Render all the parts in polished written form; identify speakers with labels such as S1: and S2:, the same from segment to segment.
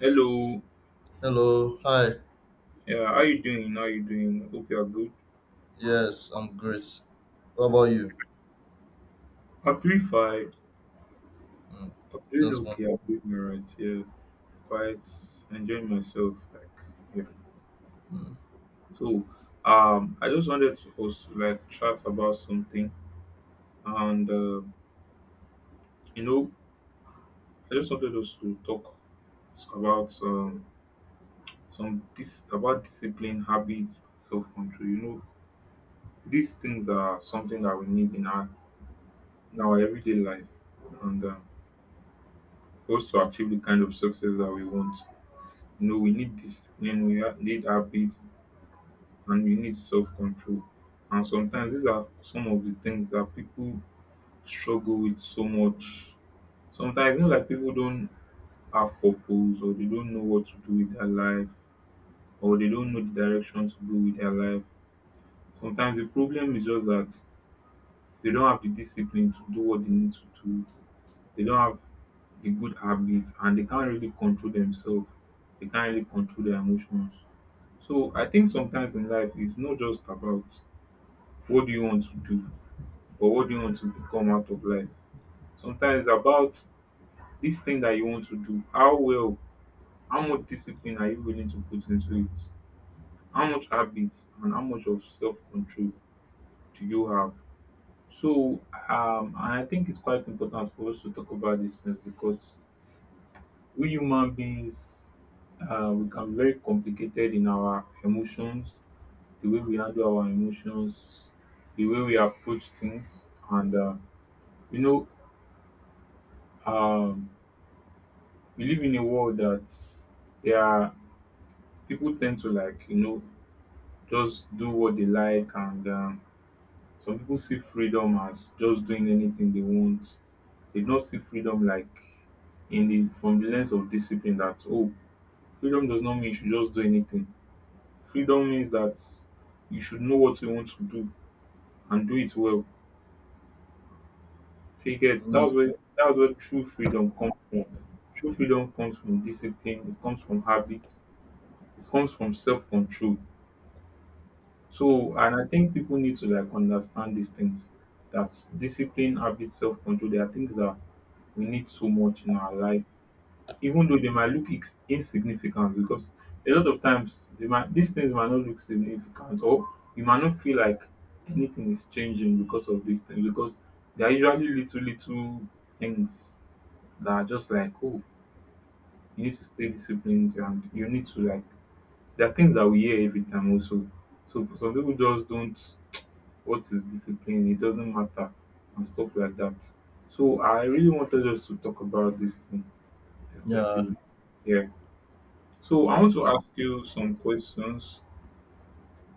S1: Hello.
S2: Hello, hi.
S1: Yeah, how you doing? How you doing? Hope you are good.
S2: Yes, I'm great. What about you?
S1: I'm doing fine.
S2: Mm,
S1: I'm doing
S2: that's one.
S1: okay. I'm doing alright. Yeah, quite enjoying myself. Like, yeah.
S2: Mm,
S1: So, I just wanted to us to like chat about something, and uh, you know, I just wanted us to talk about some dis about discipline, habits, self control. You know, these things are something that we need in our everyday life, and for us to achieve the kind of success that we want. No, we need discipline, need habits, and we need self control. And sometimes these are some of the things that people struggle with so much. Sometimes it's not like people don't have purpose or they don't know what to do with their life or they don't know the direction to go with their life. Sometimes the problem is just that they don't have the discipline to do what they need to do. They don't have the good habits and they can't really control themselves. They can't really control their emotions. So I think sometimes in life it's not just about what do you want to do or what do you want to become out of life. Sometimes about this thing that you want to do, how well, how much discipline are you willing to put into it? How much habits and how much of self control do you have? So and I think it's quite important for us to talk about these things because we human beings we can be very complicated in our emotions, the way we handle our emotions, the way we approach things. You know, um, we live in a world that there are people tend to just do what they like. And Some people see freedom as just doing anything they want. They don't see freedom like in the from the lens of discipline that, oh, freedom does not mean you should just do anything. Freedom means that you should know what you want to do and do it well. So you get
S2: mm,
S1: that's where true freedom comes from. True freedom comes from discipline, it comes from habits, it comes from self-control. So and I think people need to like understand these things. That's discipline, habits, self-control. There are things that we need so much in our life, even though they might insignificant, because a lot of times these things might not look significant or you might not feel like anything is changing because of these things, because they are usually little things that are just like, oh, you need to stay disciplined and you need to like there are things that we hear every time also. So some people just don't what is discipline, it doesn't matter and stuff like that. So I really wanted us to talk about this thing
S2: yeah.
S1: extensively. Yeah. So I
S2: eh,
S1: want to ask you some questions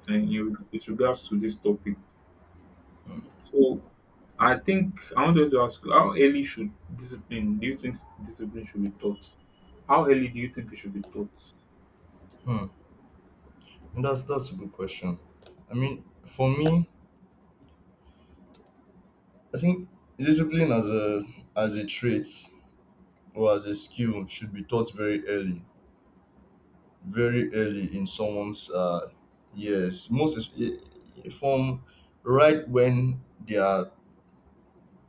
S1: and you with regards to this topic. So I think I wanted to ask you how early should discipline do you think discipline should be taught? How early do you think it should be taught?
S2: hmm. That's a good question. I mean, for me, I think discipline as a trait or as a skill should be taught very early in someone's years. Most es- eh, eh, From right when they are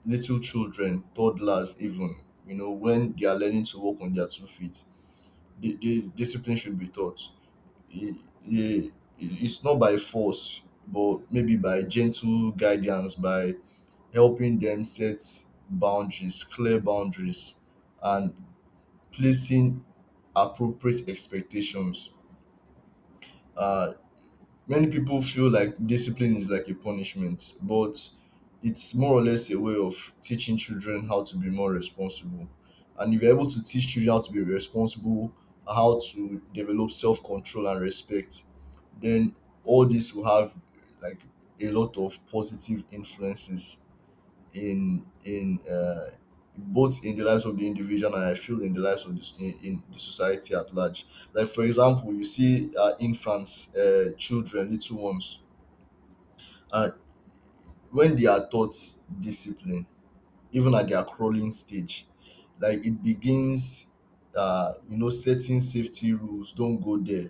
S2: little children, toddlers, even, you know, when they are learning to walk on their two feet, the discipline should be taught. I- i- It's not by force, but maybe by gentle guidance, by helping them set boundaries, clear boundaries, and placing appropriate expectations. Uh, Many people feel like discipline is like a punishment, but it's more or less a way of teaching children how to be more responsible. And if you're able to teach children how to be responsible, how to develop self control and respect, then all this will have, like, a lot of positive influences in, both in the lives of the individual, and I feel in the lives of this in the society at large. Like, for example, you see infants, children, little ones, uh, when they are taught discipline, even at their crawling stage, like it begins. You know, setting safety rules. Don't go there.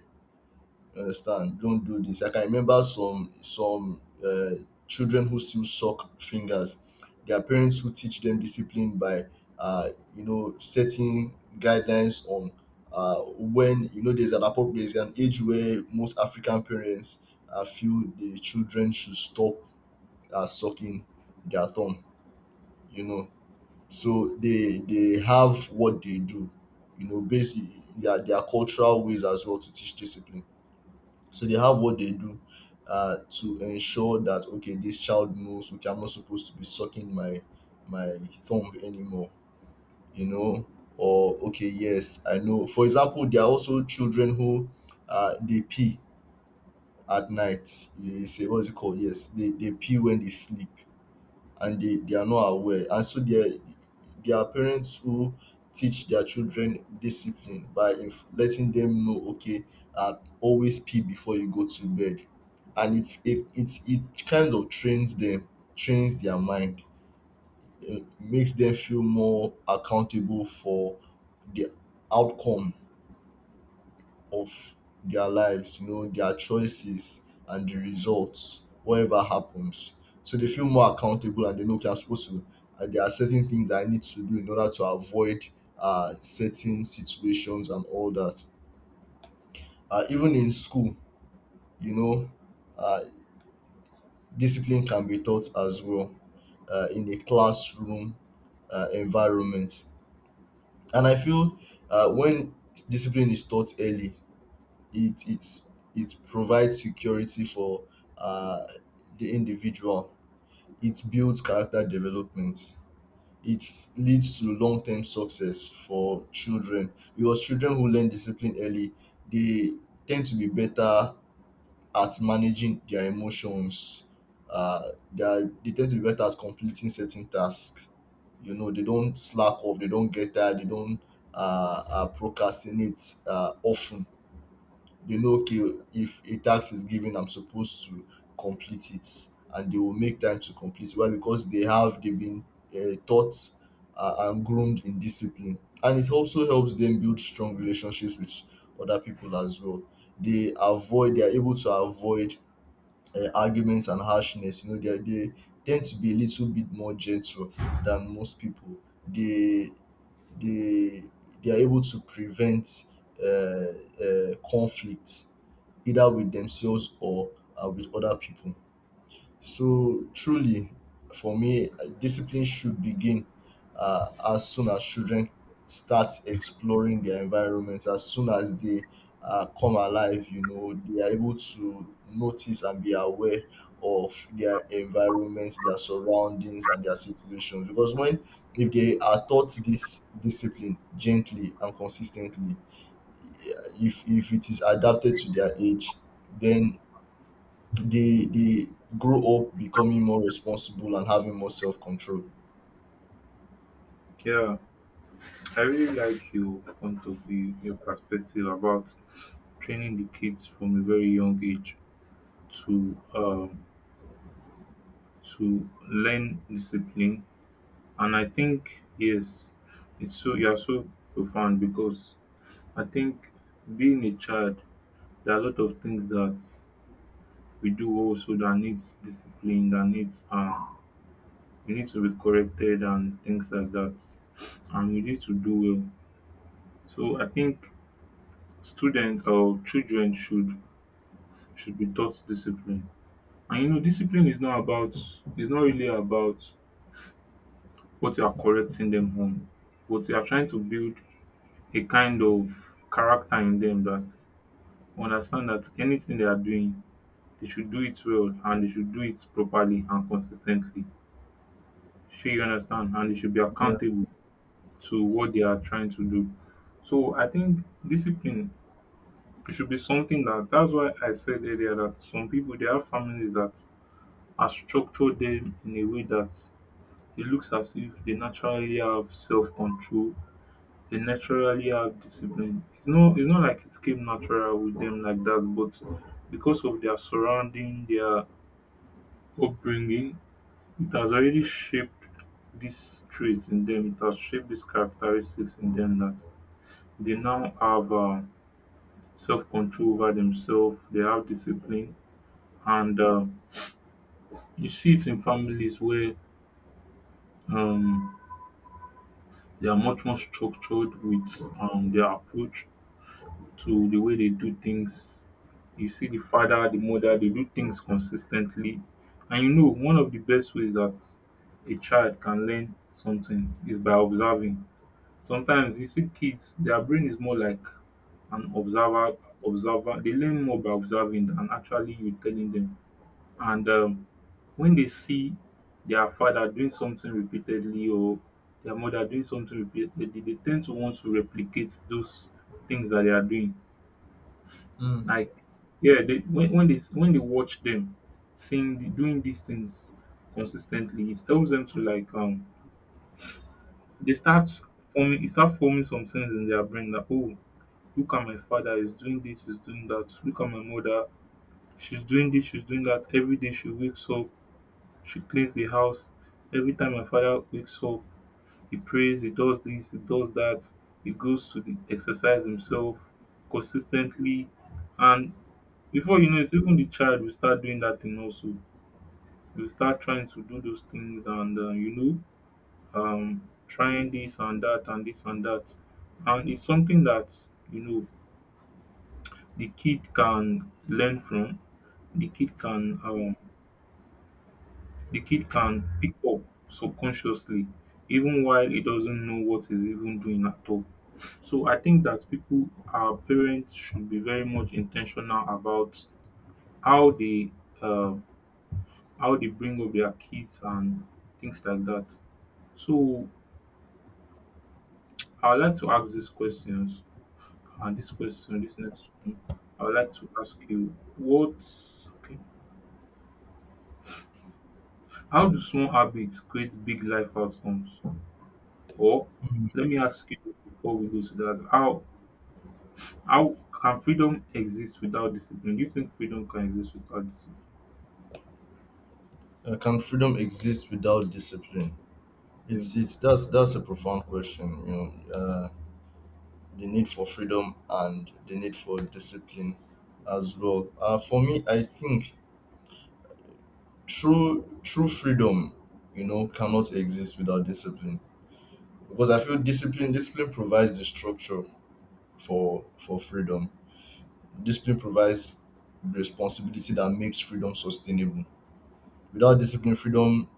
S2: You understand? Don't do this. I can remember some children who still suck fingers. Their parents who teach them discipline by, uh, you know, setting guidelines on, when, you know, there's an appropriate, there's an age where most African parents feel the children should stop sucking their thumb. You know, so they have what they do. You know, basically their cultural ways as well to teach discipline. So they have what they do to ensure that, okay, this child knows, okay, I'm not supposed to be sucking my thumb anymore, you know. Or, okay, yes, I know. For example, there are also children who, they pee at night. They say, what is it called? Yes, they pee when they sleep. And they are not aware. And so there are parents who teach their children discipline by letting them know, okay, uh, always pee before you go to bed. And it kind of trains them, trains their mind, makes them feel more accountable for the outcome of their lives, you know, their choices and the results, whatever happens. So they feel more accountable and they know, okay, I'm supposed to, and there are certain things I need to do in order to avoid certain situations and all that. Even in school, you know, uh discipline can be taught as well, in a classroom environment. And I feel when discipline is taught early, it it it provides security for uh, the individual, it builds character development, it leads to long-term success for children, because children who learn discipline early, they tend to be better at managing their emotions, they tend to be better at completing certain tasks. You know, they don't slack off, they don't get tired, they don't procrastinate often. Dey know, okay, if a task is given, I'm supposed to complete it, and they will make time to complete it. Why? Because they've been taught and groomed in discipline. And it also helps them build strong relationships with other people as well. They are able to avoid arguments and harshness. You know, they tend to be a little bit more gentle than most people. They they they are able to prevent uh, conflict, either with themselves or with other people. So truly, for me, discipline should begin as soon as children start exploring their environment. As soon as they come alive, you know, they are able to notice and be aware of their environment, their surroundings, and their situations. Because when, if they are taught this discipline gently and consistently, yeah, if it is adapted to their age, then they grow up becoming more responsible and having more self-control,
S1: Yeah. I really like your point of view, your perspective about training the kids from a very young age to um, to learn discipline. And I think yes, it's so you are so profound because I think being a child, there are a lot of things that we do also that needs discipline, that needs we need to be corrected and things like that, and we need to do well. So I think students or children should be taught discipline. And you know, discipline is not about, it's not really about what you are correcting them on, but you are trying to build a kind of character in them that understand that anything they are doing, they should do it well and they should do it properly and consistently. Sure, you understand, and they should be
S2: yeah.
S1: accountable to what they are trying to do. So I think discipline should be something that that's why I said earlier that some people they have families that are structured them in a way that it looks as if they naturally have self control. They naturally have discipline. It's not like it came natural with them like that, but because of their surrounding, their upbringing, it has already shaped these traits in them. It has shaped these characteristics in them that they now have self control over themselves. They have discipline, and you see it in families where um, they are much more structured with their approach to the way they do things. You see the father, the mother, they do things consistently. And you know, one of the best ways that a child can learn something is by observing. Sometimes you see kids, their brain is more like an observer, observer. They learn more by observing than actually you telling them. And when they see their father doing something repeatedly or their mother doing something repeatedly, they tend to want to replicate those things that they are doing.
S2: Mm.
S1: Like, yeah, when they when they watch them seeing doing these things consistently, it helps them to like they start forming it start forming some things in their brain that, oh, look at my father is doing this, he's doing that, look at my mother, she's doing this, she's doing that, every day she wakes up, she cleans the house, every time my father wakes up, he prays, he does this, he does that, he goes to the exercise himself consistently, and before you know it, even the child will start doing that thing also. They'll start trying to do those things and, you know, trying this and that and this and that. And it's something that, you know, the kid can learn from. The kid can, um, the kid can pick up subconsciously, even while he doesn't know what he's even doing at all. So I think that people, our parents, should be very much intentional about how they um, how they bring up their kids and things like that. So I would like to ask these questions and this question, this next one, I would like to ask you what okay, how do small habits create big life outcomes? Or let me ask you before we go to that, how can freedom exist without discipline? Do you think freedom can exist without discipline?
S2: Can freedom exist without discipline?
S1: Yeah.
S2: It's that's a profound question, you know. The need for freedom and the need for discipline as well, for me, I think true freedom, you know, cannot exist without discipline, because I feel discipline provides the structure for freedom. Discipline provides responsibility that makes freedom sustainable. Without discipline, freedom,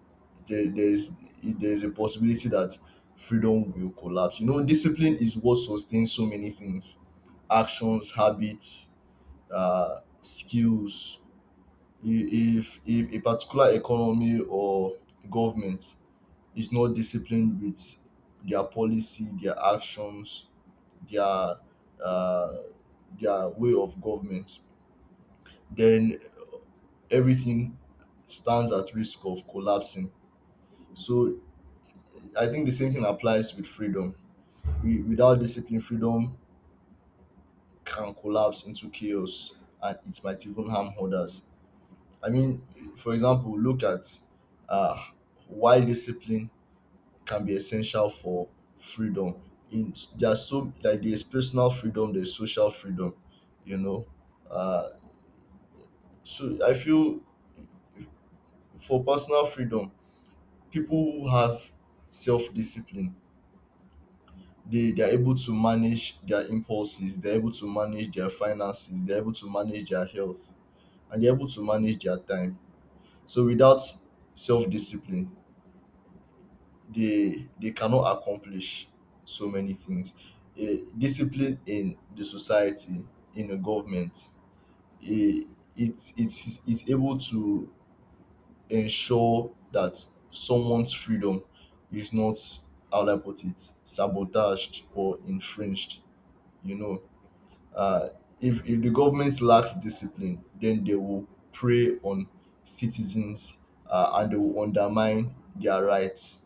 S2: there, there is there is a possibility that freedom will collapse. You know, discipline is what sustains so many things, actions, habits, skills. I- if a particular economy or government is not disciplined with their policy, their actions, their uh, their way of government, then everything stands at risk of collapsing. So I think the same thing applies with freedom. Without discipline, freedom can collapse into chaos, and it might even harm others. I mean, for example, look at uh, why discipline can be essential for freedom. In There's so, like, there's personal freedom, there's social freedom, you know. Uh, so I feel for personal freedom, people who have self discipline, they're able to manage their impulses, they're able to manage their finances, they're able to manage their health, and they're able to manage their time. So without self-discipline they cannot accomplish so many things. Discipline in the society, in the government, eh, it's able to ensure that someone's freedom is not, how do I put it, sabotaged or infringed, you know. Uh, if the government lacks discipline, then they will prey on citizens and they will undermine their rights.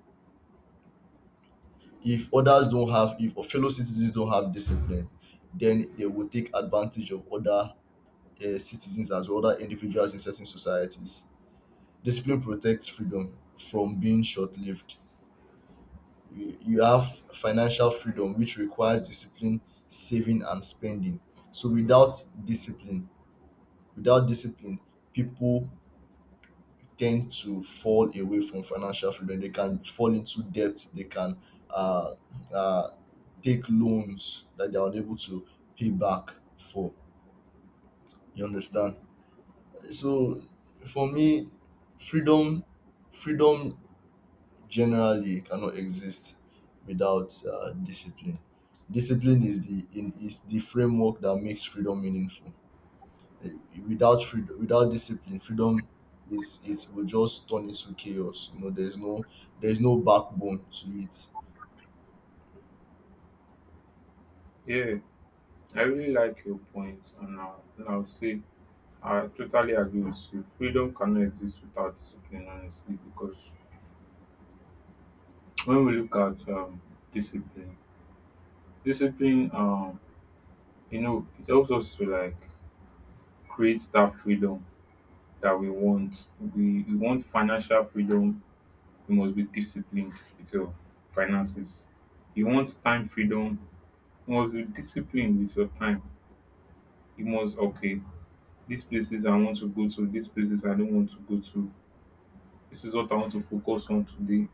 S2: If others don't have, if fellow citizens don't have discipline, then they will take advantage of other citizens as well, other individuals in certain societies. Discipline protects freedom from being short lived. You have financial freedom, which requires discipline, saving, and spending. So, without discipline, without discipline, people tend to fall away from financial freedom. They can fall into debt, they can uh, uh, take loans that they are unable to pay back for, you understand. So for me, freedom freedom generally cannot exist without discipline. Discipline is the framework that makes freedom meaningful. Eh, Without freedom without discipline, freedom, is it will just turn into chaos. You know, there's no, there's no backbone to it.
S1: Yeah, I really like your points, and I'll say I totally agree with you. Freedom cannot exist without discipline, honestly, because when we look at discipline, discipline, you know, it helps us to like create that freedom that we want. We want financial freedom. We must be disciplined with your finances. You want time freedom. You must be disciplined with your time. You must okay. These places I want to go to. These places I don't want to go to. This is what I want to focus on today.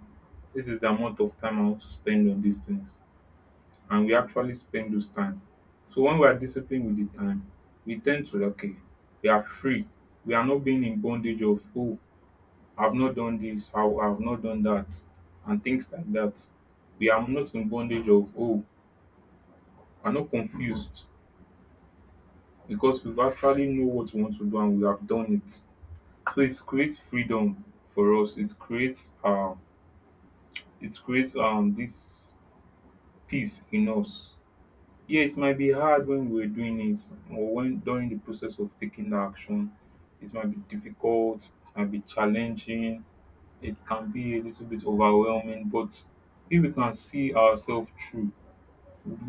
S1: This is the amount of time I want to spend on these things. And we actually spend those time. So when we are disciplined with the time, we tend to okay, we are free. We are not being in bondage of, oh, I've not done this, I have not done that, and things like that. We are not in bondage of, oh, we're not confused because we've actually know what we want to do and we have done it. So it creates freedom for us. It creates this peace in us. Yeah, it might be hard when we're doing it or when during the process of taking the action. It might be difficult, it might be challenging, it can be a little bit overwhelming, but if we can see ourselves through,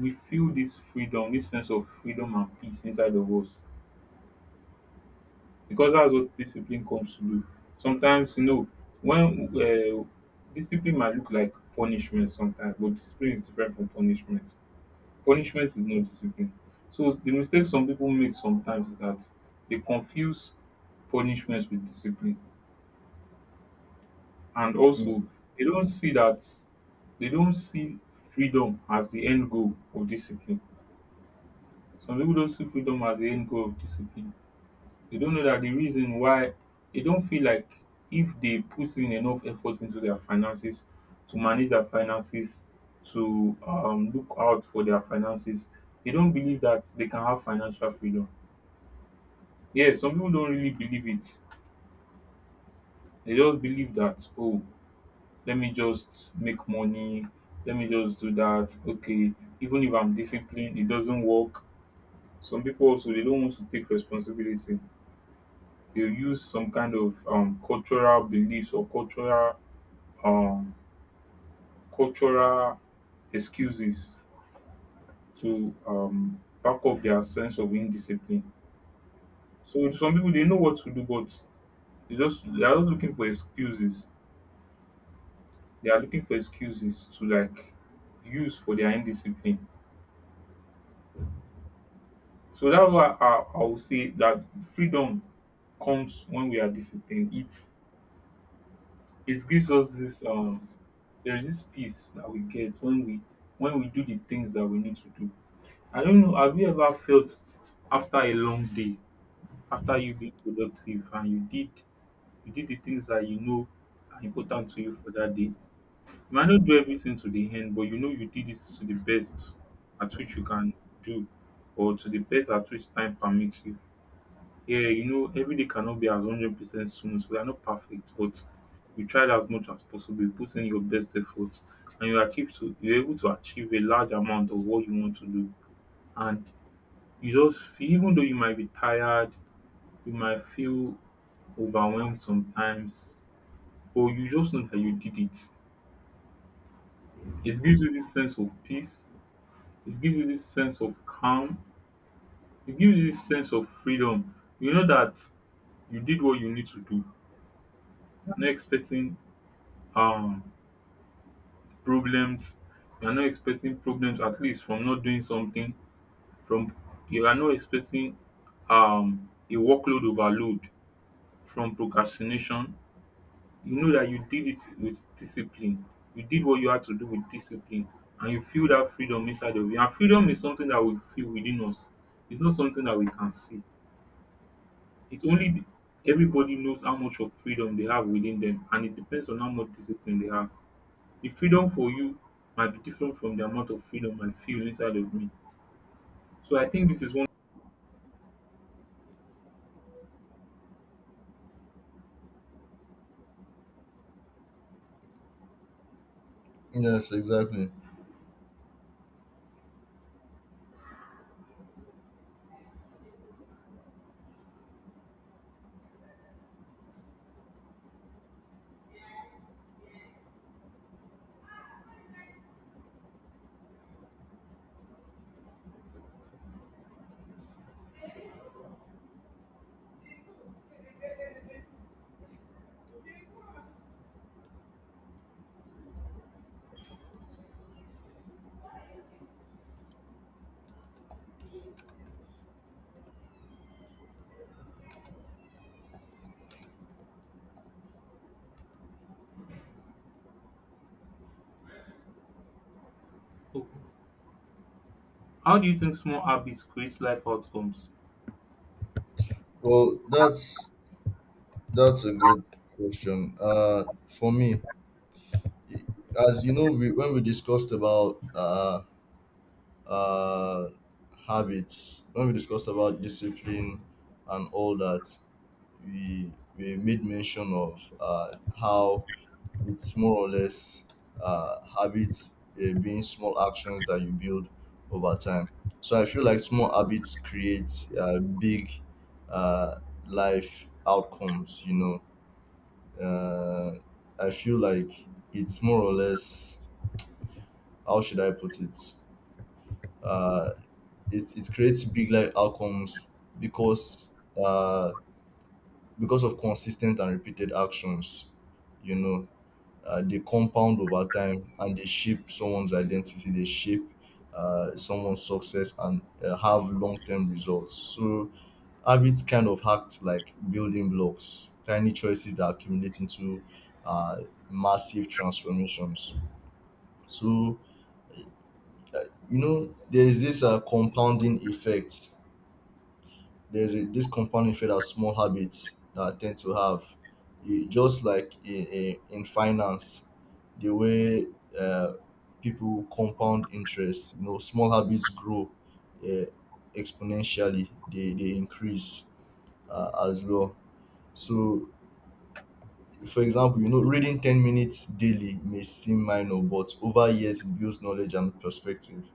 S1: we feel this freedom, this sense of freedom and peace inside of us. Because that's what discipline comes to do. Sometimes, you know, when discipline might look like punishment sometimes, but discipline is different from punishment. Punishment is not discipline. So the mistake some people make sometimes is that they confuse punishment with discipline. And also
S2: Mm,
S1: they don't see that they don't see freedom as the end goal of discipline. Some people don't see freedom as the end goal of discipline. They don't know that the reason why they don't feel like if they put in enough effort into their finances, to manage their finances, to look out for their finances, they don't believe that they can have financial freedom. Yeah, some people don't really believe it. They just believe that, oh, let me just make money, let me just do that. Okay, even if I'm disciplined, it doesn't work. Some people also they don't want to take responsibility. They use some kind of cultural beliefs or cultural um cultural excuses to back up their sense of indiscipline. So some people they know what to do, but they are just looking for excuses. They are looking for excuses to like use for their indiscipline. So that's why I will say that freedom comes when we are disciplined. It gives us this. There is this peace that we get when we do the things that we need to do. I don't know, have you ever felt after a long day, after you've been productive and you did the things that you know are important to you for that day? You might not do everything to the end, but you know you did it to the best at which you can do, or to the best at which time permits you. Yeah, you know, every day cannot be as 100% smooth. We are not perfect, but you tried as much as possible. You put in your best efforts and you're able to achieve a large amount of what you want to do. And you just feel, even though you might be tired, you might feel overwhelmed sometimes, but you just know that you did it. It gives you this sense of peace. It gives you this sense of calm. It gives you this sense of freedom. You know that you did what you need to do. You're not expecting um problems. You're not expecting problems, at least from not doing something. From You are not expecting a workload overload from procrastination. You know that you did it with discipline. You did what you had to do with discipline, and you feel that freedom inside of you. And freedom is something that we feel within us. It's not something that we can see. It's only Everybody knows how much of freedom they have within them, and it depends on how much discipline they have. The freedom for you might be different from the amount of freedom I feel inside of me. So I think this is one.
S2: yes, exactly.
S1: How do you think small habits create life outcomes?
S2: Well, that's a good question. For me, as you know, we, when we discussed about uh habits, when we discussed about discipline and all that, we made mention of how it's more or less, habits, being small actions that you build over time. So I feel like small habits create big uh, life outcomes. You know, I feel like it's more or less, how should I put it? Uh, it creates big life outcomes because, uh, of consistent and repeated actions. You know, they compound over time and they shape someone's identity, they shape someone's success and have long-term results. So habits kind of act like building blocks, tiny choices that accumulate into uh, massive transformations. So, you know, there's this compounding effect, this compounding effect of small habits that I tend to have. Just like in, finance, the way uh, people compound interest, you know, small habits grow uh, exponentially, they increase as well. So, for example, you know, reading 10 minutes daily may seem minor, but over years it builds knowledge and perspective.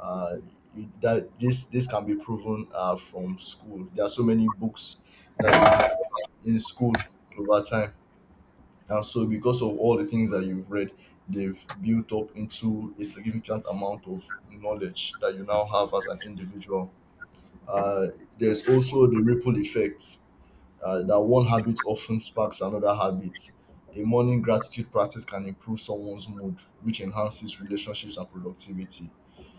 S2: Uh, you- that this this can be proven from school. There are so many books that you've read in school over time, and so because of all the things that you've read, they've built up into a significant amount of knowledge that you now have as an individual. Uh, there's also the ripple effect that one habit often sparks another habit. A morning gratitude practice can improve someone's mood, which enhances relationships and productivity.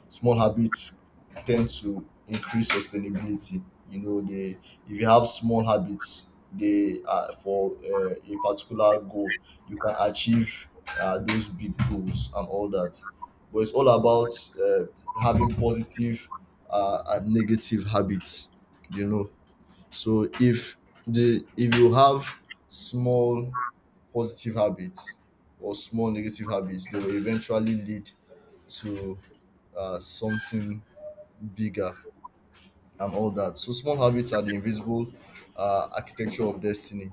S2: Small habits tend to increase sustainability. You know, they if you have small habits, they are for a particular goal, you can achieve those big goals and all that. But it's all about uh, having positive and negative habits, you know. So if the if you have small positive habits or small negative habits, they will eventually lead to something bigger and all that. So small habits are the invisible architecture of destiny.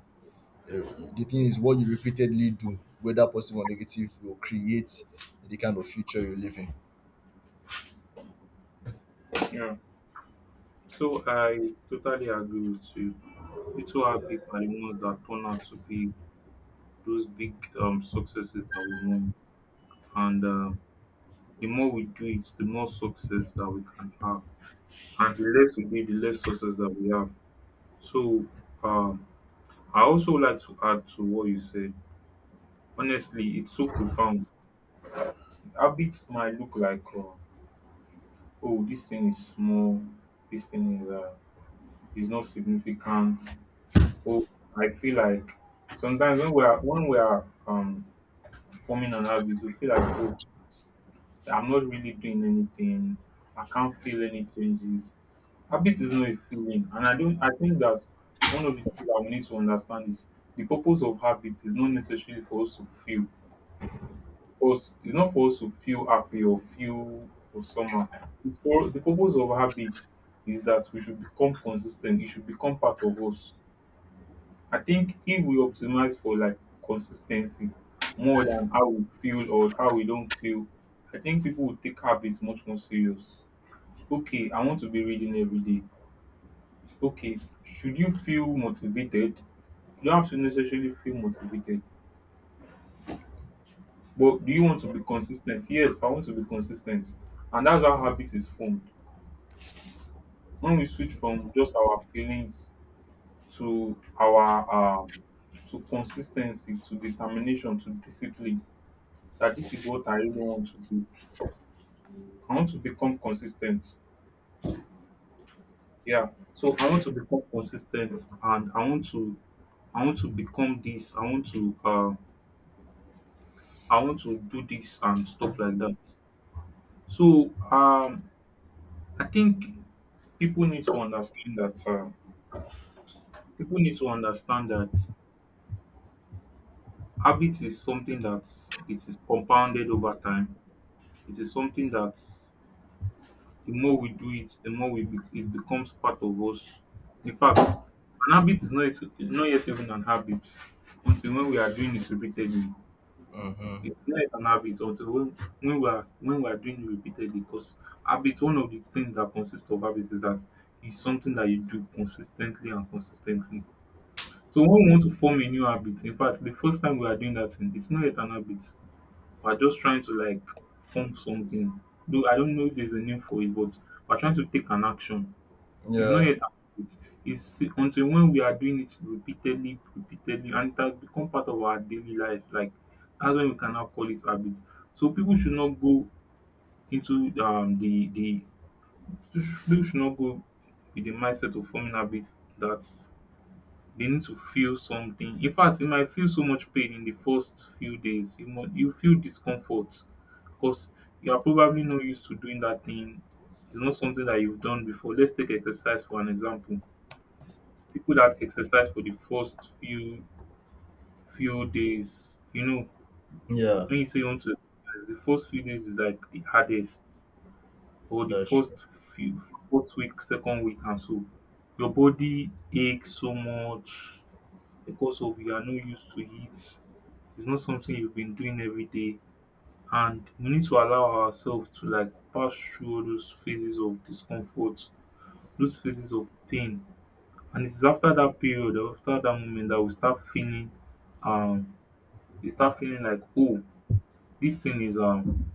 S2: Uh, the thing is, what you repeatedly do, whether positive or negative, will create the kind of future you live in.
S1: Yeah. So I totally agree with you. Little habits are the ones that turn out to be those big successes that we want. And the more we do it, the more success that we can have. And the less we do, the less success that we have. So, um, I also would like to add to what you said. Honestly, it's so profound. Habits might look like, oh, this thing is small, this thing is not significant. Oh, I feel like sometimes when we are when we are forming an habit, we feel like, oh, I'm not really doing anything. I can't feel any changes. Habit is not a feeling, and I don't. I think that one of the things that we need to understand is the purpose of habit is not necessarily for us to feel. Us, it's not for us to feel happy or feel or somehow. It's for the purpose of habits is that we should become consistent. It should become part of us. I think if we optimize for like consistency, more than how we feel or how we don't feel, I think people will take habits much more serious. Okay, I want to be reading every day. Okay, should you feel motivated? You don't have to necessarily feel motivated, but do you want to be consistent? Yes, I want to be consistent, and that's how habit is formed. When we switch from just our feelings to our to consistency, to determination, to discipline, that this is what I really want to do. I want to become consistent. Yeah. So I want to become consistent, and I want to become this. I want to do this and stuff like that. So I think people need to understand that uh, people need to understand that habit is something that it is compounded over time. It is something that the more we do it, the more we be, it becomes part of us. In fact, an habit is not yet even an habit until when we are doing it repeatedly. It's not yet an habit until when we are doing it repeatedly. Because habits, one of the things that consists of habits is that it's something that you do consistently and consistently. So when we want to form a new habit, in fact, the first time we are doing that thing, it's not yet an habit. We're just trying to like form something. Though I don't know if there's a name for it, but we're trying to take an action. It's not
S2: Yeah,
S1: yet it. It's until when we are doing it repeatedly, repeatedly, and it has become part of our daily life. Like that's when we can now call it habit. So people should not go into the people should not go with the mindset of forming habits, that's they need to feel something. In fact, you might feel so much pain in the first few days. You feel discomfort because you are probably not used to doing that thing. It's not something that you've done before. Let's take exercise for an example. People that exercise for the first few days, you know,
S2: yeah,
S1: when you say you want to exercise, the first few days is like the hardest, or the
S2: that's true.
S1: first few first week, second week, and so your body aches so much because of you are not used to it. It's not something you've been doing every day, and we need to allow ourselves to like pass through all those phases of discomfort, those phases of pain. And it is after that period, after that moment, that um we start feeling like, oh, this thing is um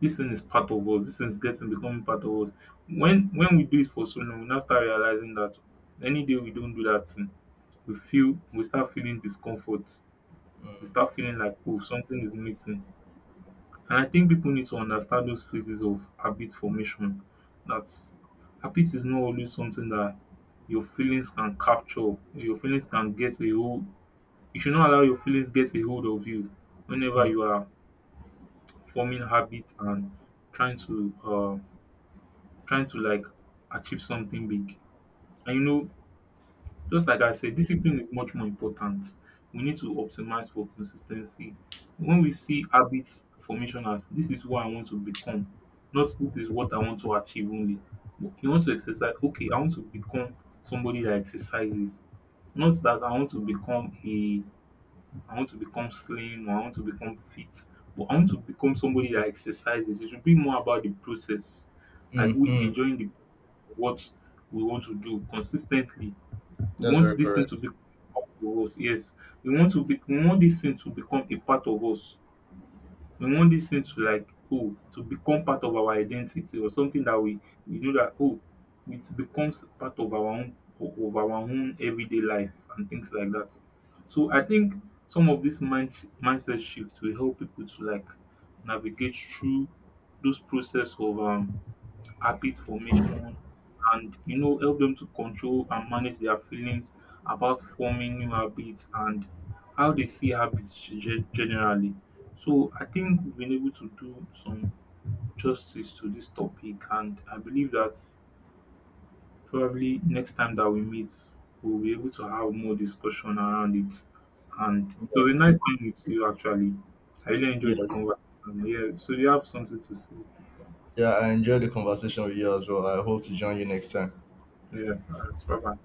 S1: this thing is part of us, this thing is getting becoming part of us. When we do it for so long, we now start realizing that any day we don't do that thing, we start feeling discomfort, we start feeling like, oh, something is missing. And I think people need to understand those phases of habit formation. That habit is not always something that your feelings can capture, your feelings can get a hold. You should not allow your feelings get a hold of you whenever
S2: Mm.
S1: you are forming habits and trying to trying to like achieve something big. And you know, just like I said, discipline is much more important. We need to optimize for consistency. When we see habits formation as this is who I want to become, not this is what I want to achieve only. You want to exercise, okay, I want to become somebody that exercises. Not that I want to become a I want to become slim or I want to become fit, but I want to become somebody that exercises. It should be more about the process. Like
S2: Hmm.
S1: we
S2: Mm-hmm.
S1: enjoying the what we want to do consistently, we
S2: That's
S1: want
S2: very
S1: this thing to
S2: correct.
S1: become a part of us. Yes. We want this thing to become a part of us. We want this thing to like, oh, to become part of our identity or something that we know that, oh, it becomes part of our own everyday life and things like that. So I think some of this mindset shift will help people to like navigate through those process of habit formation, and you know help them to control and manage their feelings about forming new habits and how they see habits generally. So I think we've been able to do some justice to this topic, and I believe that probably next time that we meet, we'll be able to have more discussion around it. And it
S2: Yeah.
S1: was a nice time with you, actually. I really enjoyed the
S2: Yes.
S1: conversation. Yeah. So do you have something to say before?
S2: Yeah, I enjoyed the conversation with you as well. I hope to join you next time.
S1: Yeah. All right. Bye bye.